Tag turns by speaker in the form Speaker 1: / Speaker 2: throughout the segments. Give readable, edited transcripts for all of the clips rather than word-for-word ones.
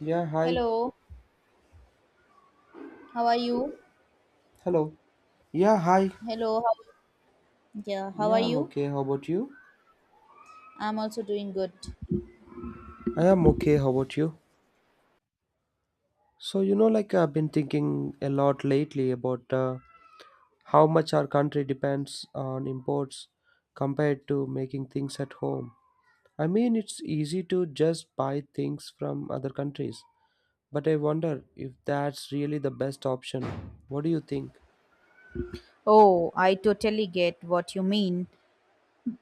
Speaker 1: Yeah, hi.
Speaker 2: Hello, how are you?
Speaker 1: Hello. Yeah, hi.
Speaker 2: Hello, how, yeah, how are
Speaker 1: Yeah, I'm
Speaker 2: you?
Speaker 1: okay. How about you?
Speaker 2: I'm also doing good.
Speaker 1: I am okay. How about you? So, you know, like I've been thinking a lot lately about how much our country depends on imports compared to making things at home. I mean, it's easy to just buy things from other countries, but I wonder if that's really the best option. What do you think?
Speaker 2: Oh, I totally get what you mean.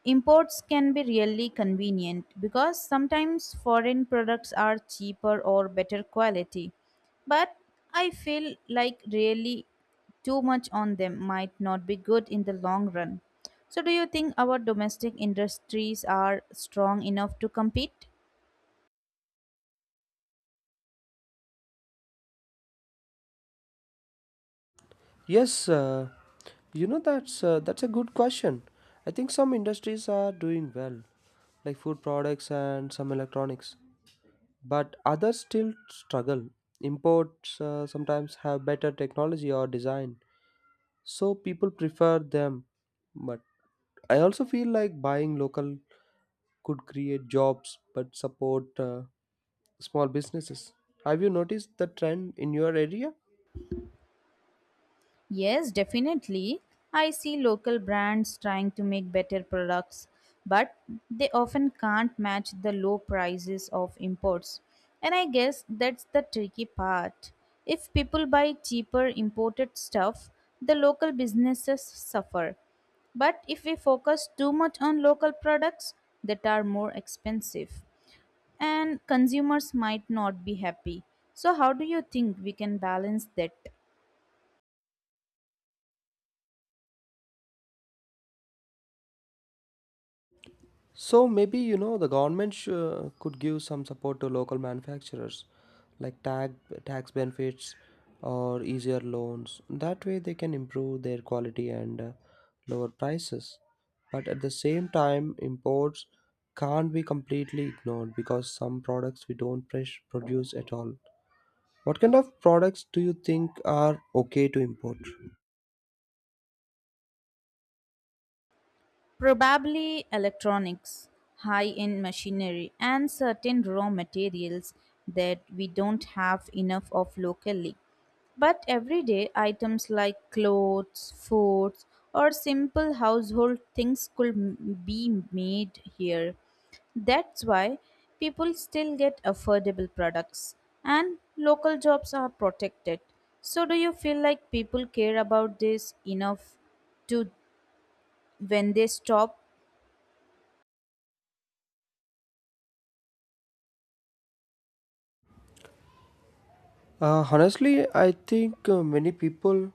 Speaker 2: Imports can be really convenient because sometimes foreign products are cheaper or better quality. But I feel like really too much on them might not be good in the long run. So, do you think our domestic industries are strong enough to compete?
Speaker 1: Yes. You know, that's a good question. I think some industries are doing well, like food products and some electronics, but others still struggle. Imports sometimes have better technology or design, so people prefer them. But I also feel like buying local could create jobs but support small businesses. Have you noticed the trend in your area?
Speaker 2: Yes, definitely. I see local brands trying to make better products, but they often can't match the low prices of imports. And I guess that's the tricky part. If people buy cheaper imported stuff, the local businesses suffer. But if we focus too much on local products that are more expensive, and consumers might not be happy. So, how do you think we can balance that?
Speaker 1: So maybe you know the government could give some support to local manufacturers, like tag tax benefits or easier loans. That way they can improve their quality and lower prices. But at the same time, imports can't be completely ignored because some products we don't produce at all. What kind of products do you think are okay to import?
Speaker 2: Probably electronics, high end machinery, and certain raw materials that we don't have enough of locally. But everyday items like clothes, foods, or simple household things could be made here. That's why people still get affordable products and local jobs are protected. So, do you feel like people care about this enough to when they stop.
Speaker 1: Honestly, I think many people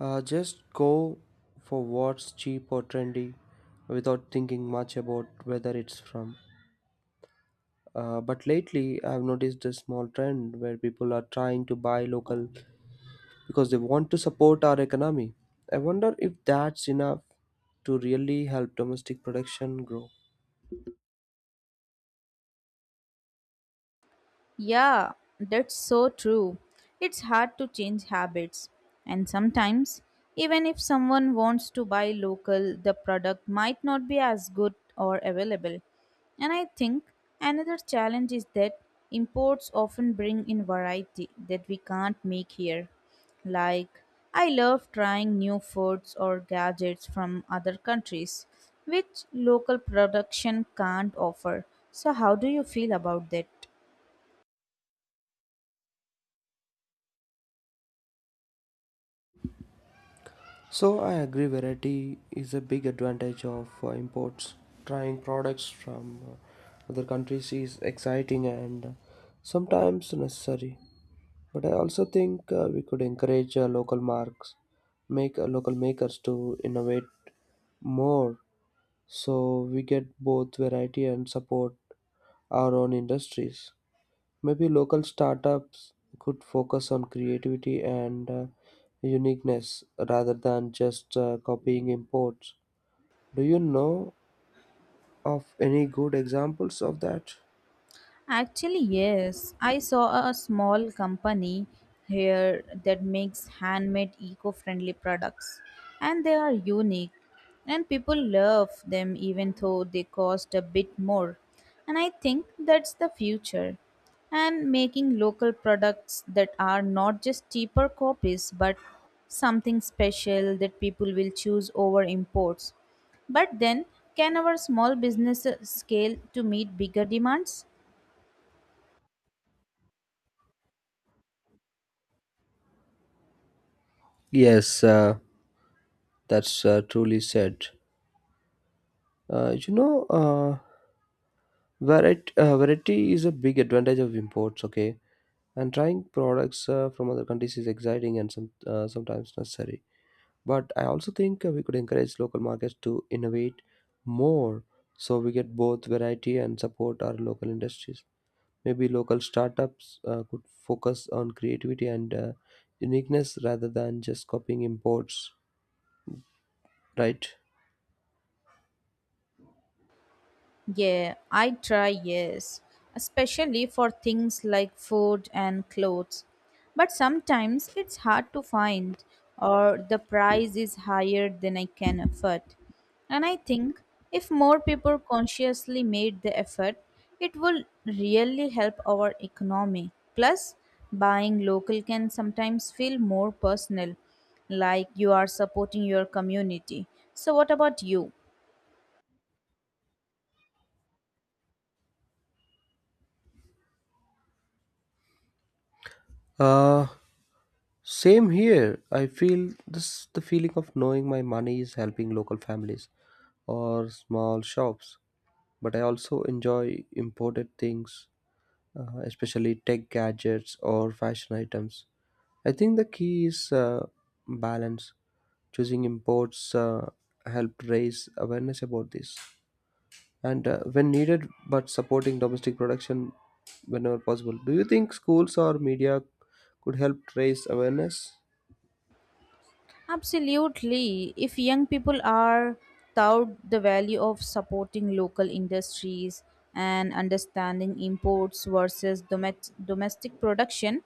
Speaker 1: just go for what's cheap or trendy without thinking much about whether it's from. But lately, I've noticed a small trend where people are trying to buy local because they want to support our economy. I wonder if that's enough to really help domestic production grow.
Speaker 2: Yeah, that's so true. It's hard to change habits. And sometimes, even if someone wants to buy local, the product might not be as good or available. And I think another challenge is that imports often bring in variety that we can't make here. Like, I love trying new foods or gadgets from other countries, which local production can't offer. So, how do you feel about that?
Speaker 1: So I agree variety is a big advantage of imports. Trying products from other countries is exciting and sometimes necessary. But I also think we could encourage local marks, make local makers to innovate more so we get both variety and support our own industries. Maybe local startups could focus on creativity and uniqueness rather than just copying imports. Do you know of any good examples of that?
Speaker 2: Actually, yes. I saw a small company here that makes handmade eco friendly products, and they are unique. And people love them even though they cost a bit more. And I think that's the future. And making local products that are not just cheaper copies but something special that people will choose over imports. But then, can our small businesses scale to meet bigger demands?
Speaker 1: Yes, that's truly said. You know, variety is a big advantage of imports, okay? And trying products from other countries is exciting and sometimes necessary. But I also think we could encourage local markets to innovate more so we get both variety and support our local industries. Maybe local startups could focus on creativity and uniqueness rather than just copying imports, right?
Speaker 2: Yeah, I try, yes, especially for things like food and clothes. But sometimes it's hard to find, or the price is higher than I can afford. And I think if more people consciously made the effort, it will really help our economy. Plus, buying local can sometimes feel more personal, like you are supporting your community. So, what about you?
Speaker 1: Uh, Same here. I feel this the feeling of knowing my money is helping local families or small shops. But I also enjoy imported things, especially tech gadgets or fashion items. I think the key is balance. Choosing imports helped raise awareness about this, and when needed, but supporting domestic production whenever possible. Do you think schools or media could help raise awareness?
Speaker 2: Absolutely. If young people are taught the value of supporting local industries and understanding imports versus domestic production,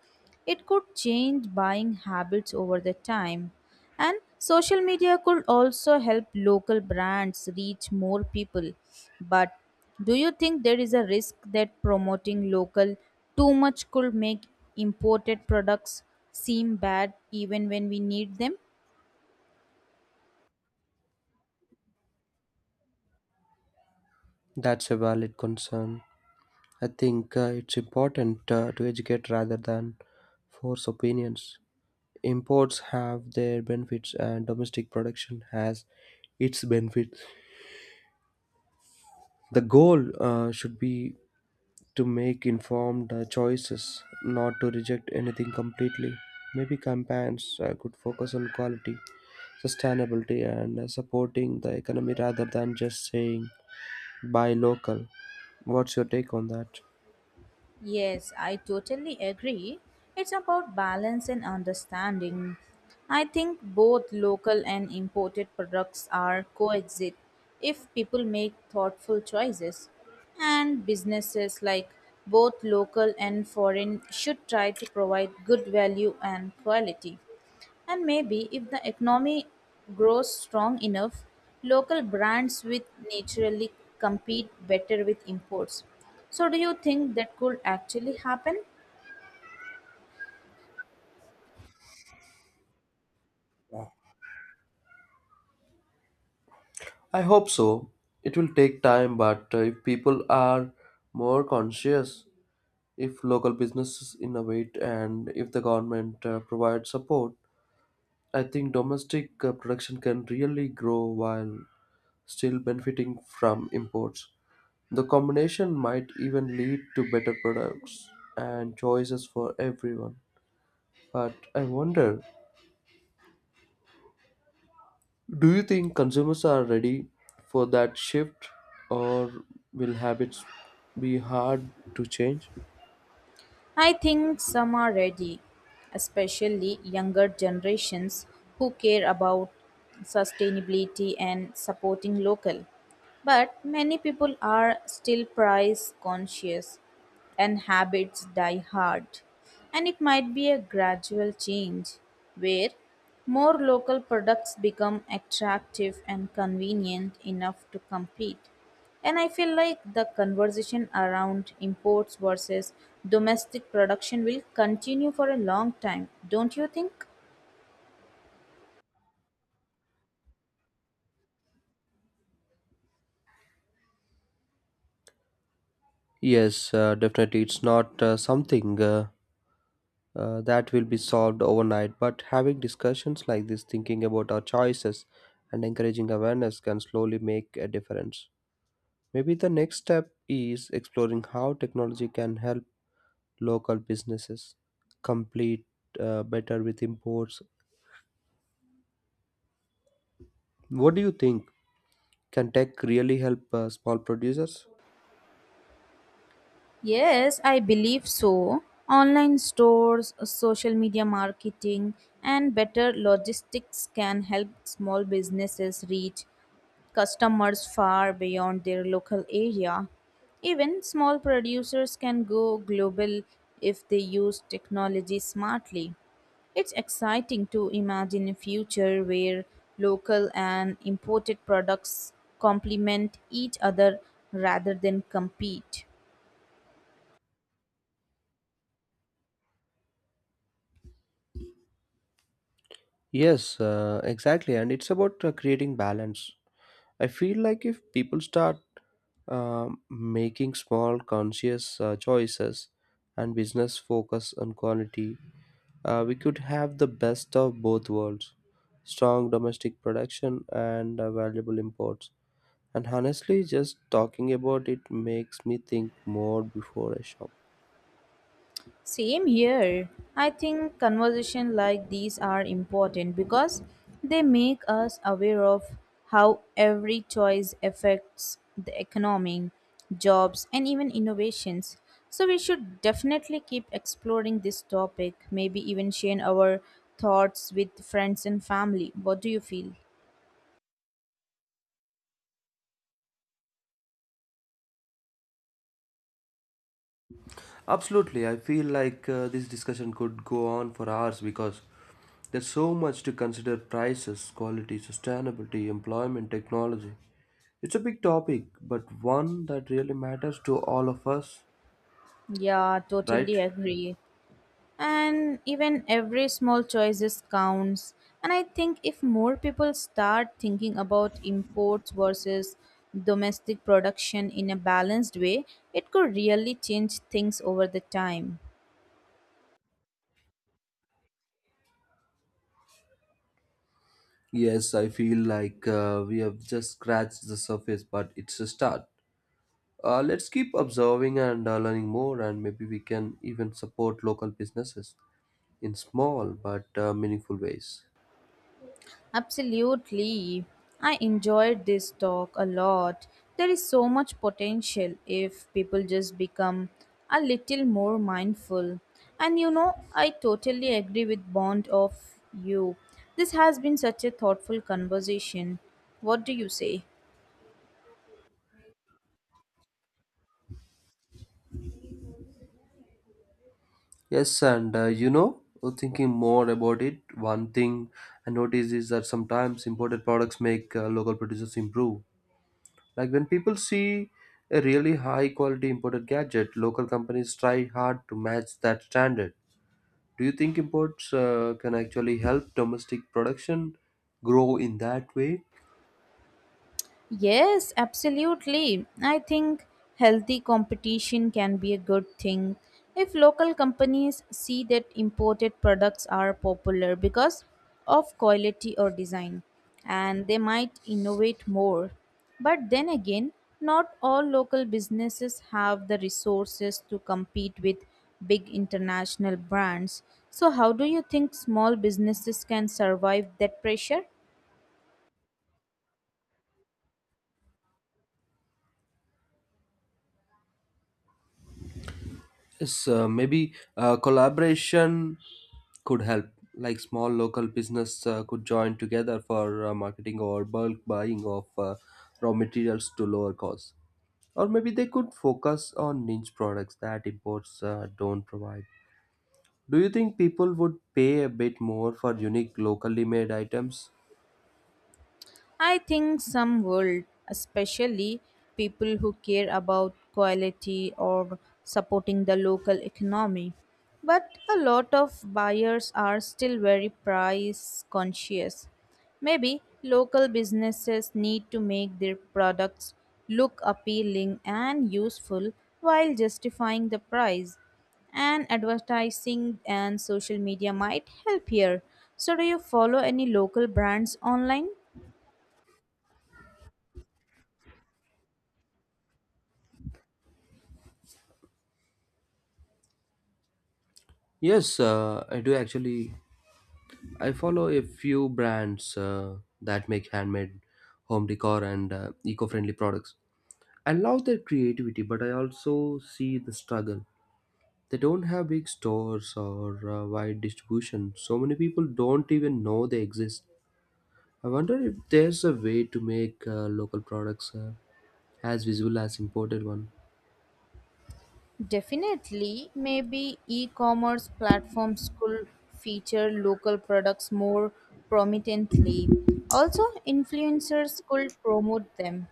Speaker 2: it could change buying habits over the time. And social media could also help local brands reach more people. But do you think there is a risk that promoting local too much could make imported products seem bad even when we need them?
Speaker 1: That's a valid concern. I think it's important to educate rather than force opinions. Imports have their benefits and domestic production has its benefits. The goal should be to make informed choices, not to reject anything completely. Maybe campaigns could focus on quality, sustainability, and supporting the economy rather than just saying buy local. What's your take on that?
Speaker 2: Yes, I totally agree. It's about balance and understanding. I think both local and imported products are coexist if people make thoughtful choices. And businesses like both local and foreign should try to provide good value and quality. And maybe if the economy grows strong enough, local brands will naturally compete better with imports. So, do you think that could actually happen?
Speaker 1: I hope so. It will take time, but if people are more conscious, if local businesses innovate and if the government provides support, I think domestic production can really grow while still benefiting from imports. The combination might even lead to better products and choices for everyone. But I wonder, do you think consumers are ready for that shift, or will habits be hard to change?
Speaker 2: I think some are ready, especially younger generations who care about sustainability and supporting local. But many people are still price conscious, and habits die hard. And it might be a gradual change where more local products become attractive and convenient enough to compete. And I feel like the conversation around imports versus domestic production will continue for a long time, don't you think?
Speaker 1: Yes, definitely. It's not something that will be solved overnight, but having discussions like this, thinking about our choices, and encouraging awareness can slowly make a difference. Maybe the next step is exploring how technology can help local businesses complete better with imports. What do you think? Can tech really help small producers?
Speaker 2: Yes, I believe so. Online stores, social media marketing, and better logistics can help small businesses reach customers far beyond their local area. Even small producers can go global if they use technology smartly. It's exciting to imagine a future where local and imported products complement each other rather than compete.
Speaker 1: Yes, exactly. And it's about creating balance. I feel like if people start making small conscious choices and business focus on quality, we could have the best of both worlds, strong domestic production and valuable imports. And honestly, just talking about it makes me think more before I shop.
Speaker 2: Same here. I think conversations like these are important because they make us aware of how every choice affects the economy, jobs, and even innovations. So we should definitely keep exploring this topic, maybe even share our thoughts with friends and family. What do you feel?
Speaker 1: Absolutely, I feel like this discussion could go on for hours because there's so much to consider: prices, quality, sustainability, employment, technology. It's a big topic, but one that really matters to all of us,
Speaker 2: Yeah,
Speaker 1: right?
Speaker 2: totally agree. And even every small choices counts, and I think if more people start thinking about imports versus domestic production in a balanced way, it could really change things over the time.
Speaker 1: Yes, I feel like we have just scratched the surface, but it's a start. Let's keep observing and learning more, and maybe we can even support local businesses in small but meaningful ways.
Speaker 2: Absolutely. I enjoyed this talk a lot. There is so much potential if people just become a little more mindful. And you know, I totally agree with Bond of you. This has been such a thoughtful conversation. What do you say?
Speaker 1: Yes, and you know, thinking more about it, one thing I notice is that sometimes imported products make local producers improve. Like when people see a really high quality imported gadget, local companies try hard to match that standard. Do you think imports can actually help domestic production grow in that way?
Speaker 2: Yes, absolutely. I think healthy competition can be a good thing if local companies see that imported products are popular because of quality or design and they might innovate more. But then again, not all local businesses have the resources to compete with big international brands. So, how do you think small businesses can survive that pressure?
Speaker 1: Yes, maybe collaboration could help. Like small local business could join together for marketing or bulk buying of raw materials to lower costs. Or maybe they could focus on niche products that imports don't provide. Do you think people would pay a bit more for unique locally made items?
Speaker 2: I think some would, especially people who care about quality or supporting the local economy. But a lot of buyers are still very price conscious. Maybe local businesses need to make their products look appealing and useful while justifying the price. And advertising and social media might help here. So, do you follow any local brands online?
Speaker 1: Yes, I do actually. I follow a few brands that make handmade home decor and eco friendly products. I love their creativity, but I also see the struggle. They don't have big stores or wide distribution. So many people don't even know they exist. I wonder if there's a way to make local products as visible as imported one.
Speaker 2: Definitely. Maybe e commerce platforms could feature local products more prominently. Also, influencers could promote them.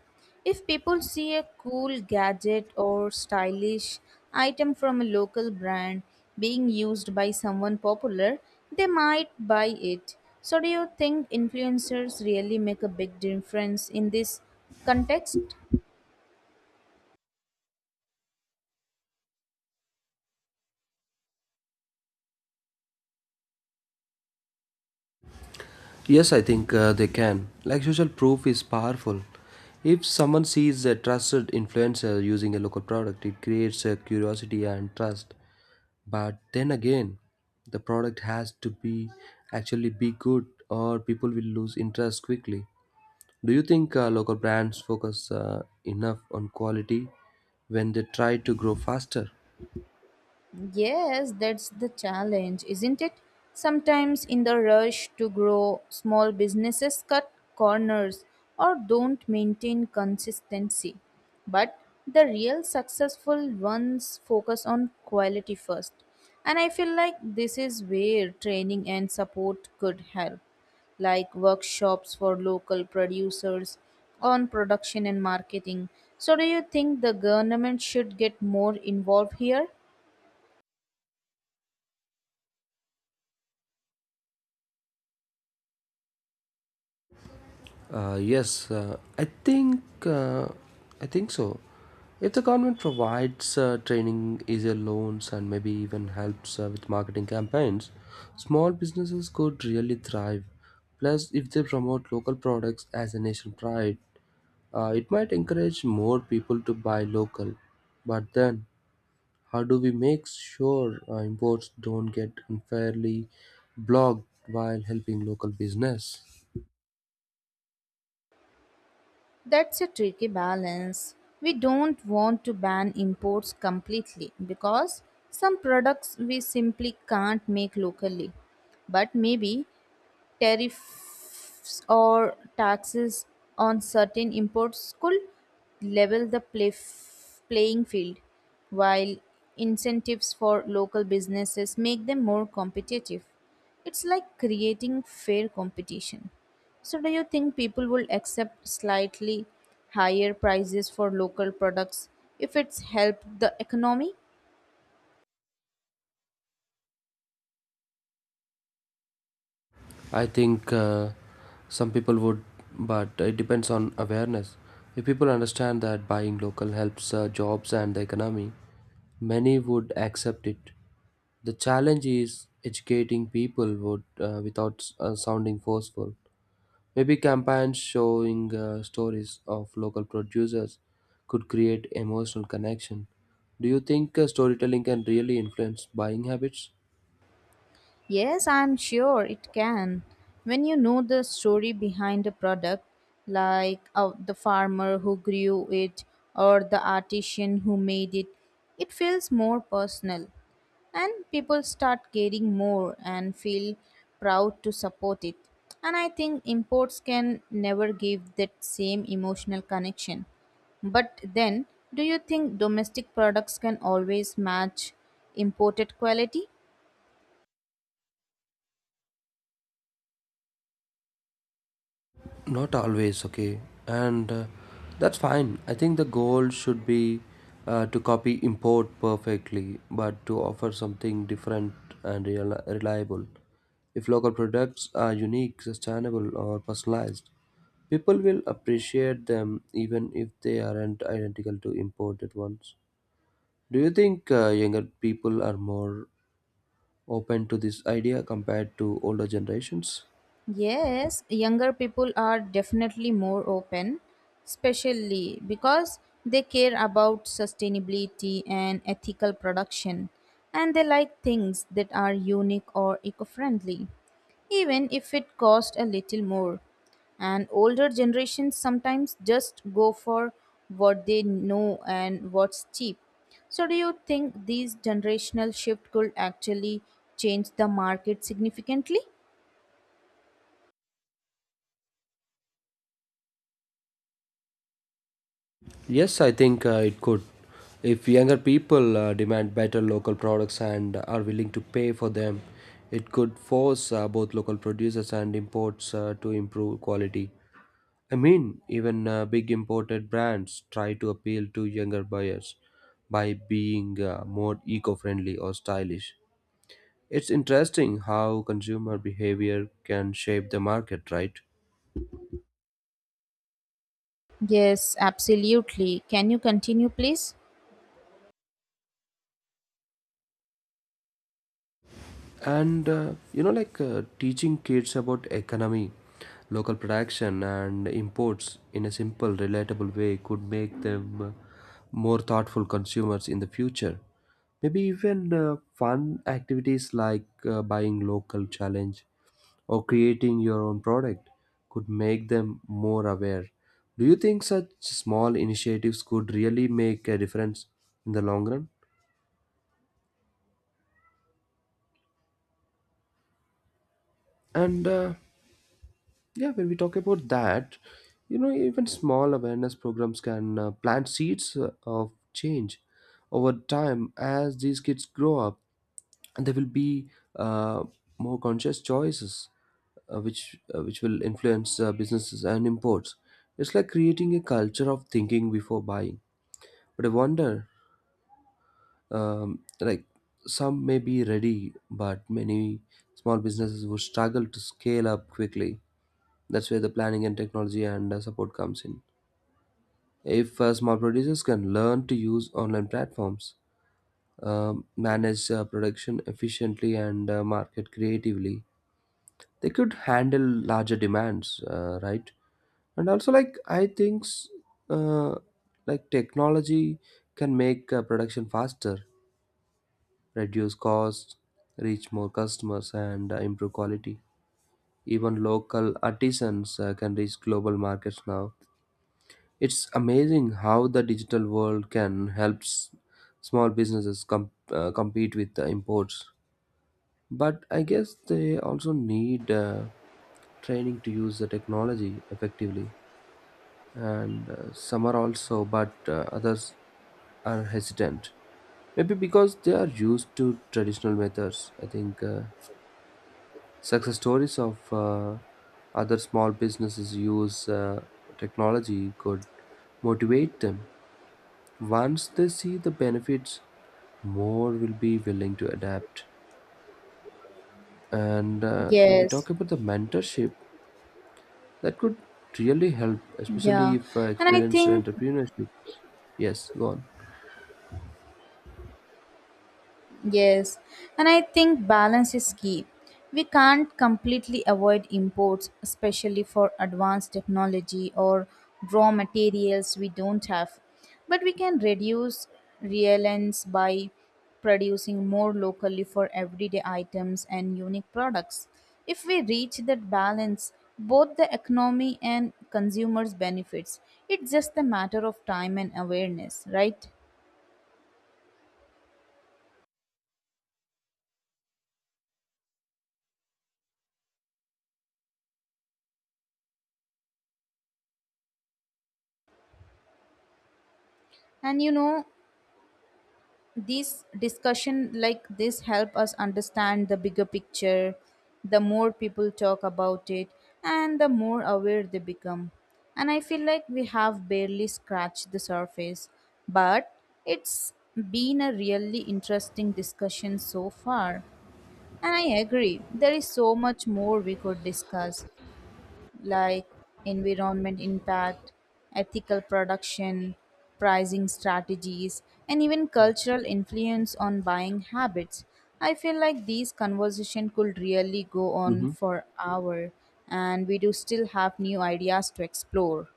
Speaker 2: If people see a cool gadget or stylish item from a local brand being used by someone popular, they might buy it. So, do you think influencers really make a big difference in this context?
Speaker 1: Yes, I think they can. Like social proof is powerful. If someone sees a trusted influencer using a local product, it creates a curiosity and trust. But then again, the product has to be actually be good, or people will lose interest quickly. Do you think local brands focus enough on quality when they try to grow faster?
Speaker 2: Yes, that's the challenge, isn't it? Sometimes, in the rush to grow, small businesses cut corners or don't maintain consistency. But the real successful ones focus on quality first. And I feel like this is where training and support could help, like workshops for local producers on production and marketing. So, do you think the government should get more involved here?
Speaker 1: Yes, I think so. If the government provides training, easier loans, and maybe even helps with marketing campaigns, small businesses could really thrive. Plus, if they promote local products as a nation pride, it might encourage more people to buy local. But then, how do we make sure imports don't get unfairly blocked while helping local business?
Speaker 2: That's a tricky balance. We don't want to ban imports completely because some products we simply can't make locally. But maybe tariffs or taxes on certain imports could level the play playing field, while incentives for local businesses make them more competitive. It's like creating fair competition. So, do you think people will accept slightly higher prices for local products if it's helped the economy?
Speaker 1: I think some people would, but it depends on awareness. If people understand that buying local helps jobs and the economy, many would accept it. The challenge is educating people would without sounding forceful. Maybe campaigns showing stories of local producers could create emotional connection. Do you think storytelling can really influence buying habits?
Speaker 2: Yes, I'm sure it can. When you know the story behind a product, like the farmer who grew it or the artisan who made it, it feels more personal. And people start caring more and feel proud to support it. And I think imports can never give that same emotional connection. But then, do you think domestic products can always match imported quality?
Speaker 1: Not always, okay. And that's fine. I think the goal should be to copy import perfectly but to offer something different and reliable. If local products are unique, sustainable or personalized, people will appreciate them even if they aren't identical to imported ones. Do you think younger people are more open to this idea compared to older generations?
Speaker 2: Yes, younger people are definitely more open, especially because they care about sustainability and ethical production, and they like things that are unique or eco friendly, even if it costs a little more. And older generations sometimes just go for what they know and what's cheap. So, do you think these generational shift could actually change the market significantly?
Speaker 1: Yes, I think it could. If younger people demand better local products and are willing to pay for them, it could force both local producers and imports to improve quality. I mean, even big imported brands try to appeal to younger buyers by being more eco friendly or stylish. It's interesting how consumer behavior can shape the market, right?
Speaker 2: Yes, absolutely. Can you continue, please?
Speaker 1: And you know, like teaching kids about economy, local production and imports in a simple relatable way could make them more thoughtful consumers in the future. Maybe even fun activities like buying local challenge or creating your own product could make them more aware. Do you think such small initiatives could really make a difference in the long run? And Yeah, when we talk about that, you know, even small awareness programs can plant seeds of change over time as these kids grow up, and there will be uh, more conscious choices, which which will influence businesses and imports. It's like creating a culture of thinking before buying. But I wonder, like some may be ready, but many small businesses would struggle to scale up quickly. That's where the planning and technology and support comes in. If small producers can learn to use online platforms, manage production efficiently, and market creatively, they could handle larger demands, right? And also, like I think, uh, like technology can make production faster, reduce costs, reach more customers, and improve quality. Even local artisans can reach global markets now. It's amazing how the digital world can help small businesses compete with the imports. But I guess they also need training to use the technology effectively. And some are also, but others are hesitant. Maybe because they are used to traditional methods. I think success stories of other small businesses use technology could motivate them. Once they see the benefits, more will be willing to adapt. And when we
Speaker 2: Yes.
Speaker 1: talk about the mentorship, that could really help, especially
Speaker 2: Yeah.
Speaker 1: if
Speaker 2: And I
Speaker 1: experienced
Speaker 2: think
Speaker 1: entrepreneurship. Yes, go on.
Speaker 2: Yes, and I think balance is key. We can't completely avoid imports, especially for advanced technology or raw materials we don't have. But we can reduce reliance by producing more locally for everyday items and unique products. If we reach that balance, both the economy and consumers benefits. It's just a matter of time and awareness, right? And you know, these discussion like this help us understand the bigger picture. The more people talk about it and the more aware they become. And I feel like we have barely scratched the surface, but it's been a really interesting discussion so far. And I agree, there is so much more we could discuss like environment impact, ethical production, pricing strategies, and even
Speaker 1: Yes.
Speaker 2: cultural influence on buying habits. I feel like these conversation could really go on
Speaker 1: Mm-hmm.
Speaker 2: for hour and we do still have new ideas to explore.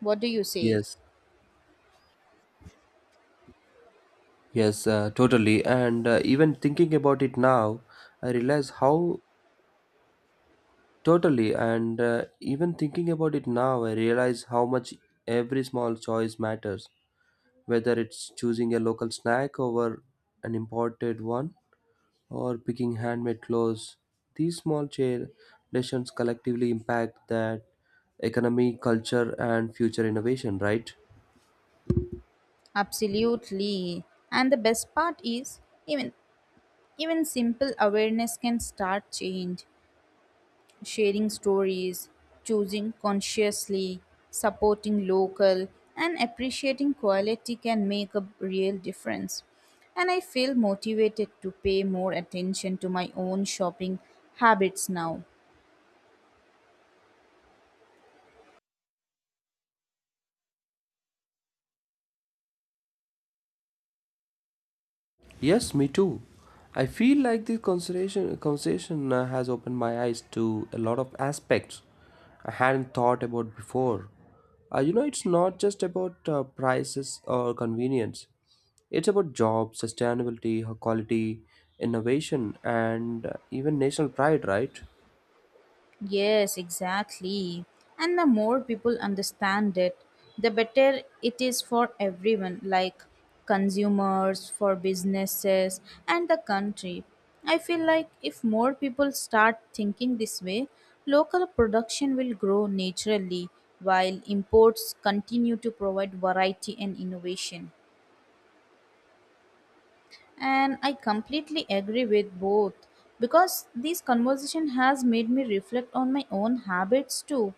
Speaker 2: What do you say?
Speaker 1: Yes. Yes, totally. And even thinking about it now, I realize how totally. And even thinking about it now, I realize how much every small choice matters, whether it's choosing a local snack over an imported one or picking handmade clothes. These decisions collectively impact that economy, culture, and future innovation, right?
Speaker 2: Absolutely. And the best part is even simple awareness can start change. Sharing stories, choosing consciously, supporting local, and appreciating quality can make a real difference. And I feel motivated to pay more attention to my own shopping habits now.
Speaker 1: Yes, me too. I feel like this conversation has opened my eyes to a lot of aspects I hadn't thought about before. You know, it's not just about prices or convenience. It's about jobs, sustainability, quality, innovation, and even national pride, right?
Speaker 2: Yes, exactly. And the more people understand it, the better it is for everyone, like consumers, for businesses, and the country. I feel like if more people start thinking this way, local production will grow naturally while imports continue to provide variety and innovation. And I completely agree with both because this conversation has made me reflect on my own habits too.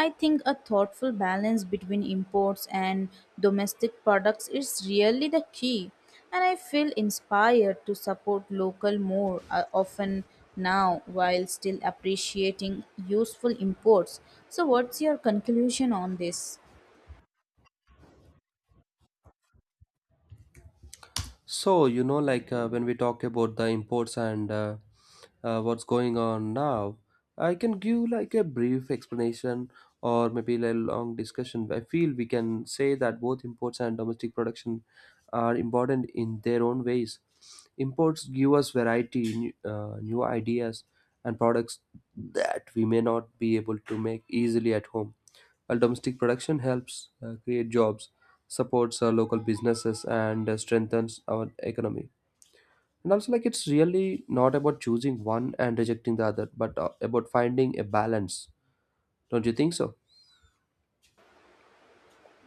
Speaker 2: I think a thoughtful balance between imports and domestic products is really the key, and I feel inspired to support local more often now while still appreciating useful imports. So, what's your conclusion on this?
Speaker 1: So, you know, like when we talk about the imports and what's going on now, I can give like a brief explanation or maybe a long discussion. I feel we can say that both imports and domestic production are important in their own ways. Imports give us variety, new ideas, and products that we may not be able to make easily at home. While domestic production helps create jobs, supports our local businesses, and strengthens our economy. And also, like it's really not about choosing one and rejecting the other, but about finding a balance. Don't you think so?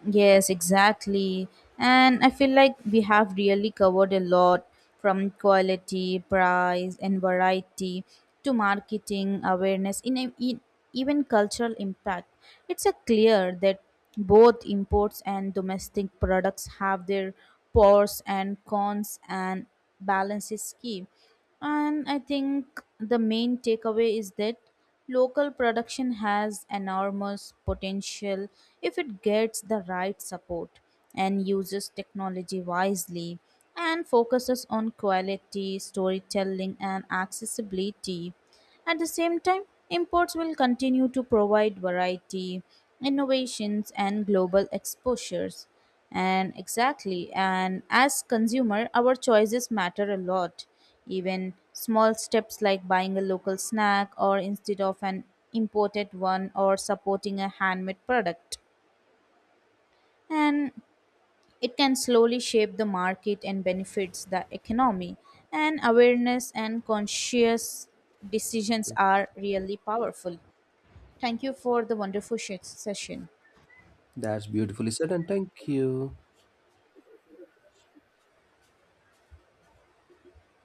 Speaker 2: Yes, exactly. And I feel like we have really covered a lot, from quality, price, and variety to marketing, awareness, in, a- in even cultural impact. It's a clear that both imports and domestic products have their pros and cons, and balance is key. And I think the main takeaway is that local production has enormous potential if it gets the right support and uses technology wisely and focuses on quality, storytelling, and accessibility. At the same time, imports will continue to provide variety, innovations, and global exposures. And exactly, and as consumer, our choices matter a lot, even small steps like buying a local snack or instead of an imported one or supporting a handmade product. And it can slowly shape the market and benefits the economy. And awareness and conscious decisions are really powerful. Thank you for the wonderful session.
Speaker 1: That's beautifully said, and thank you.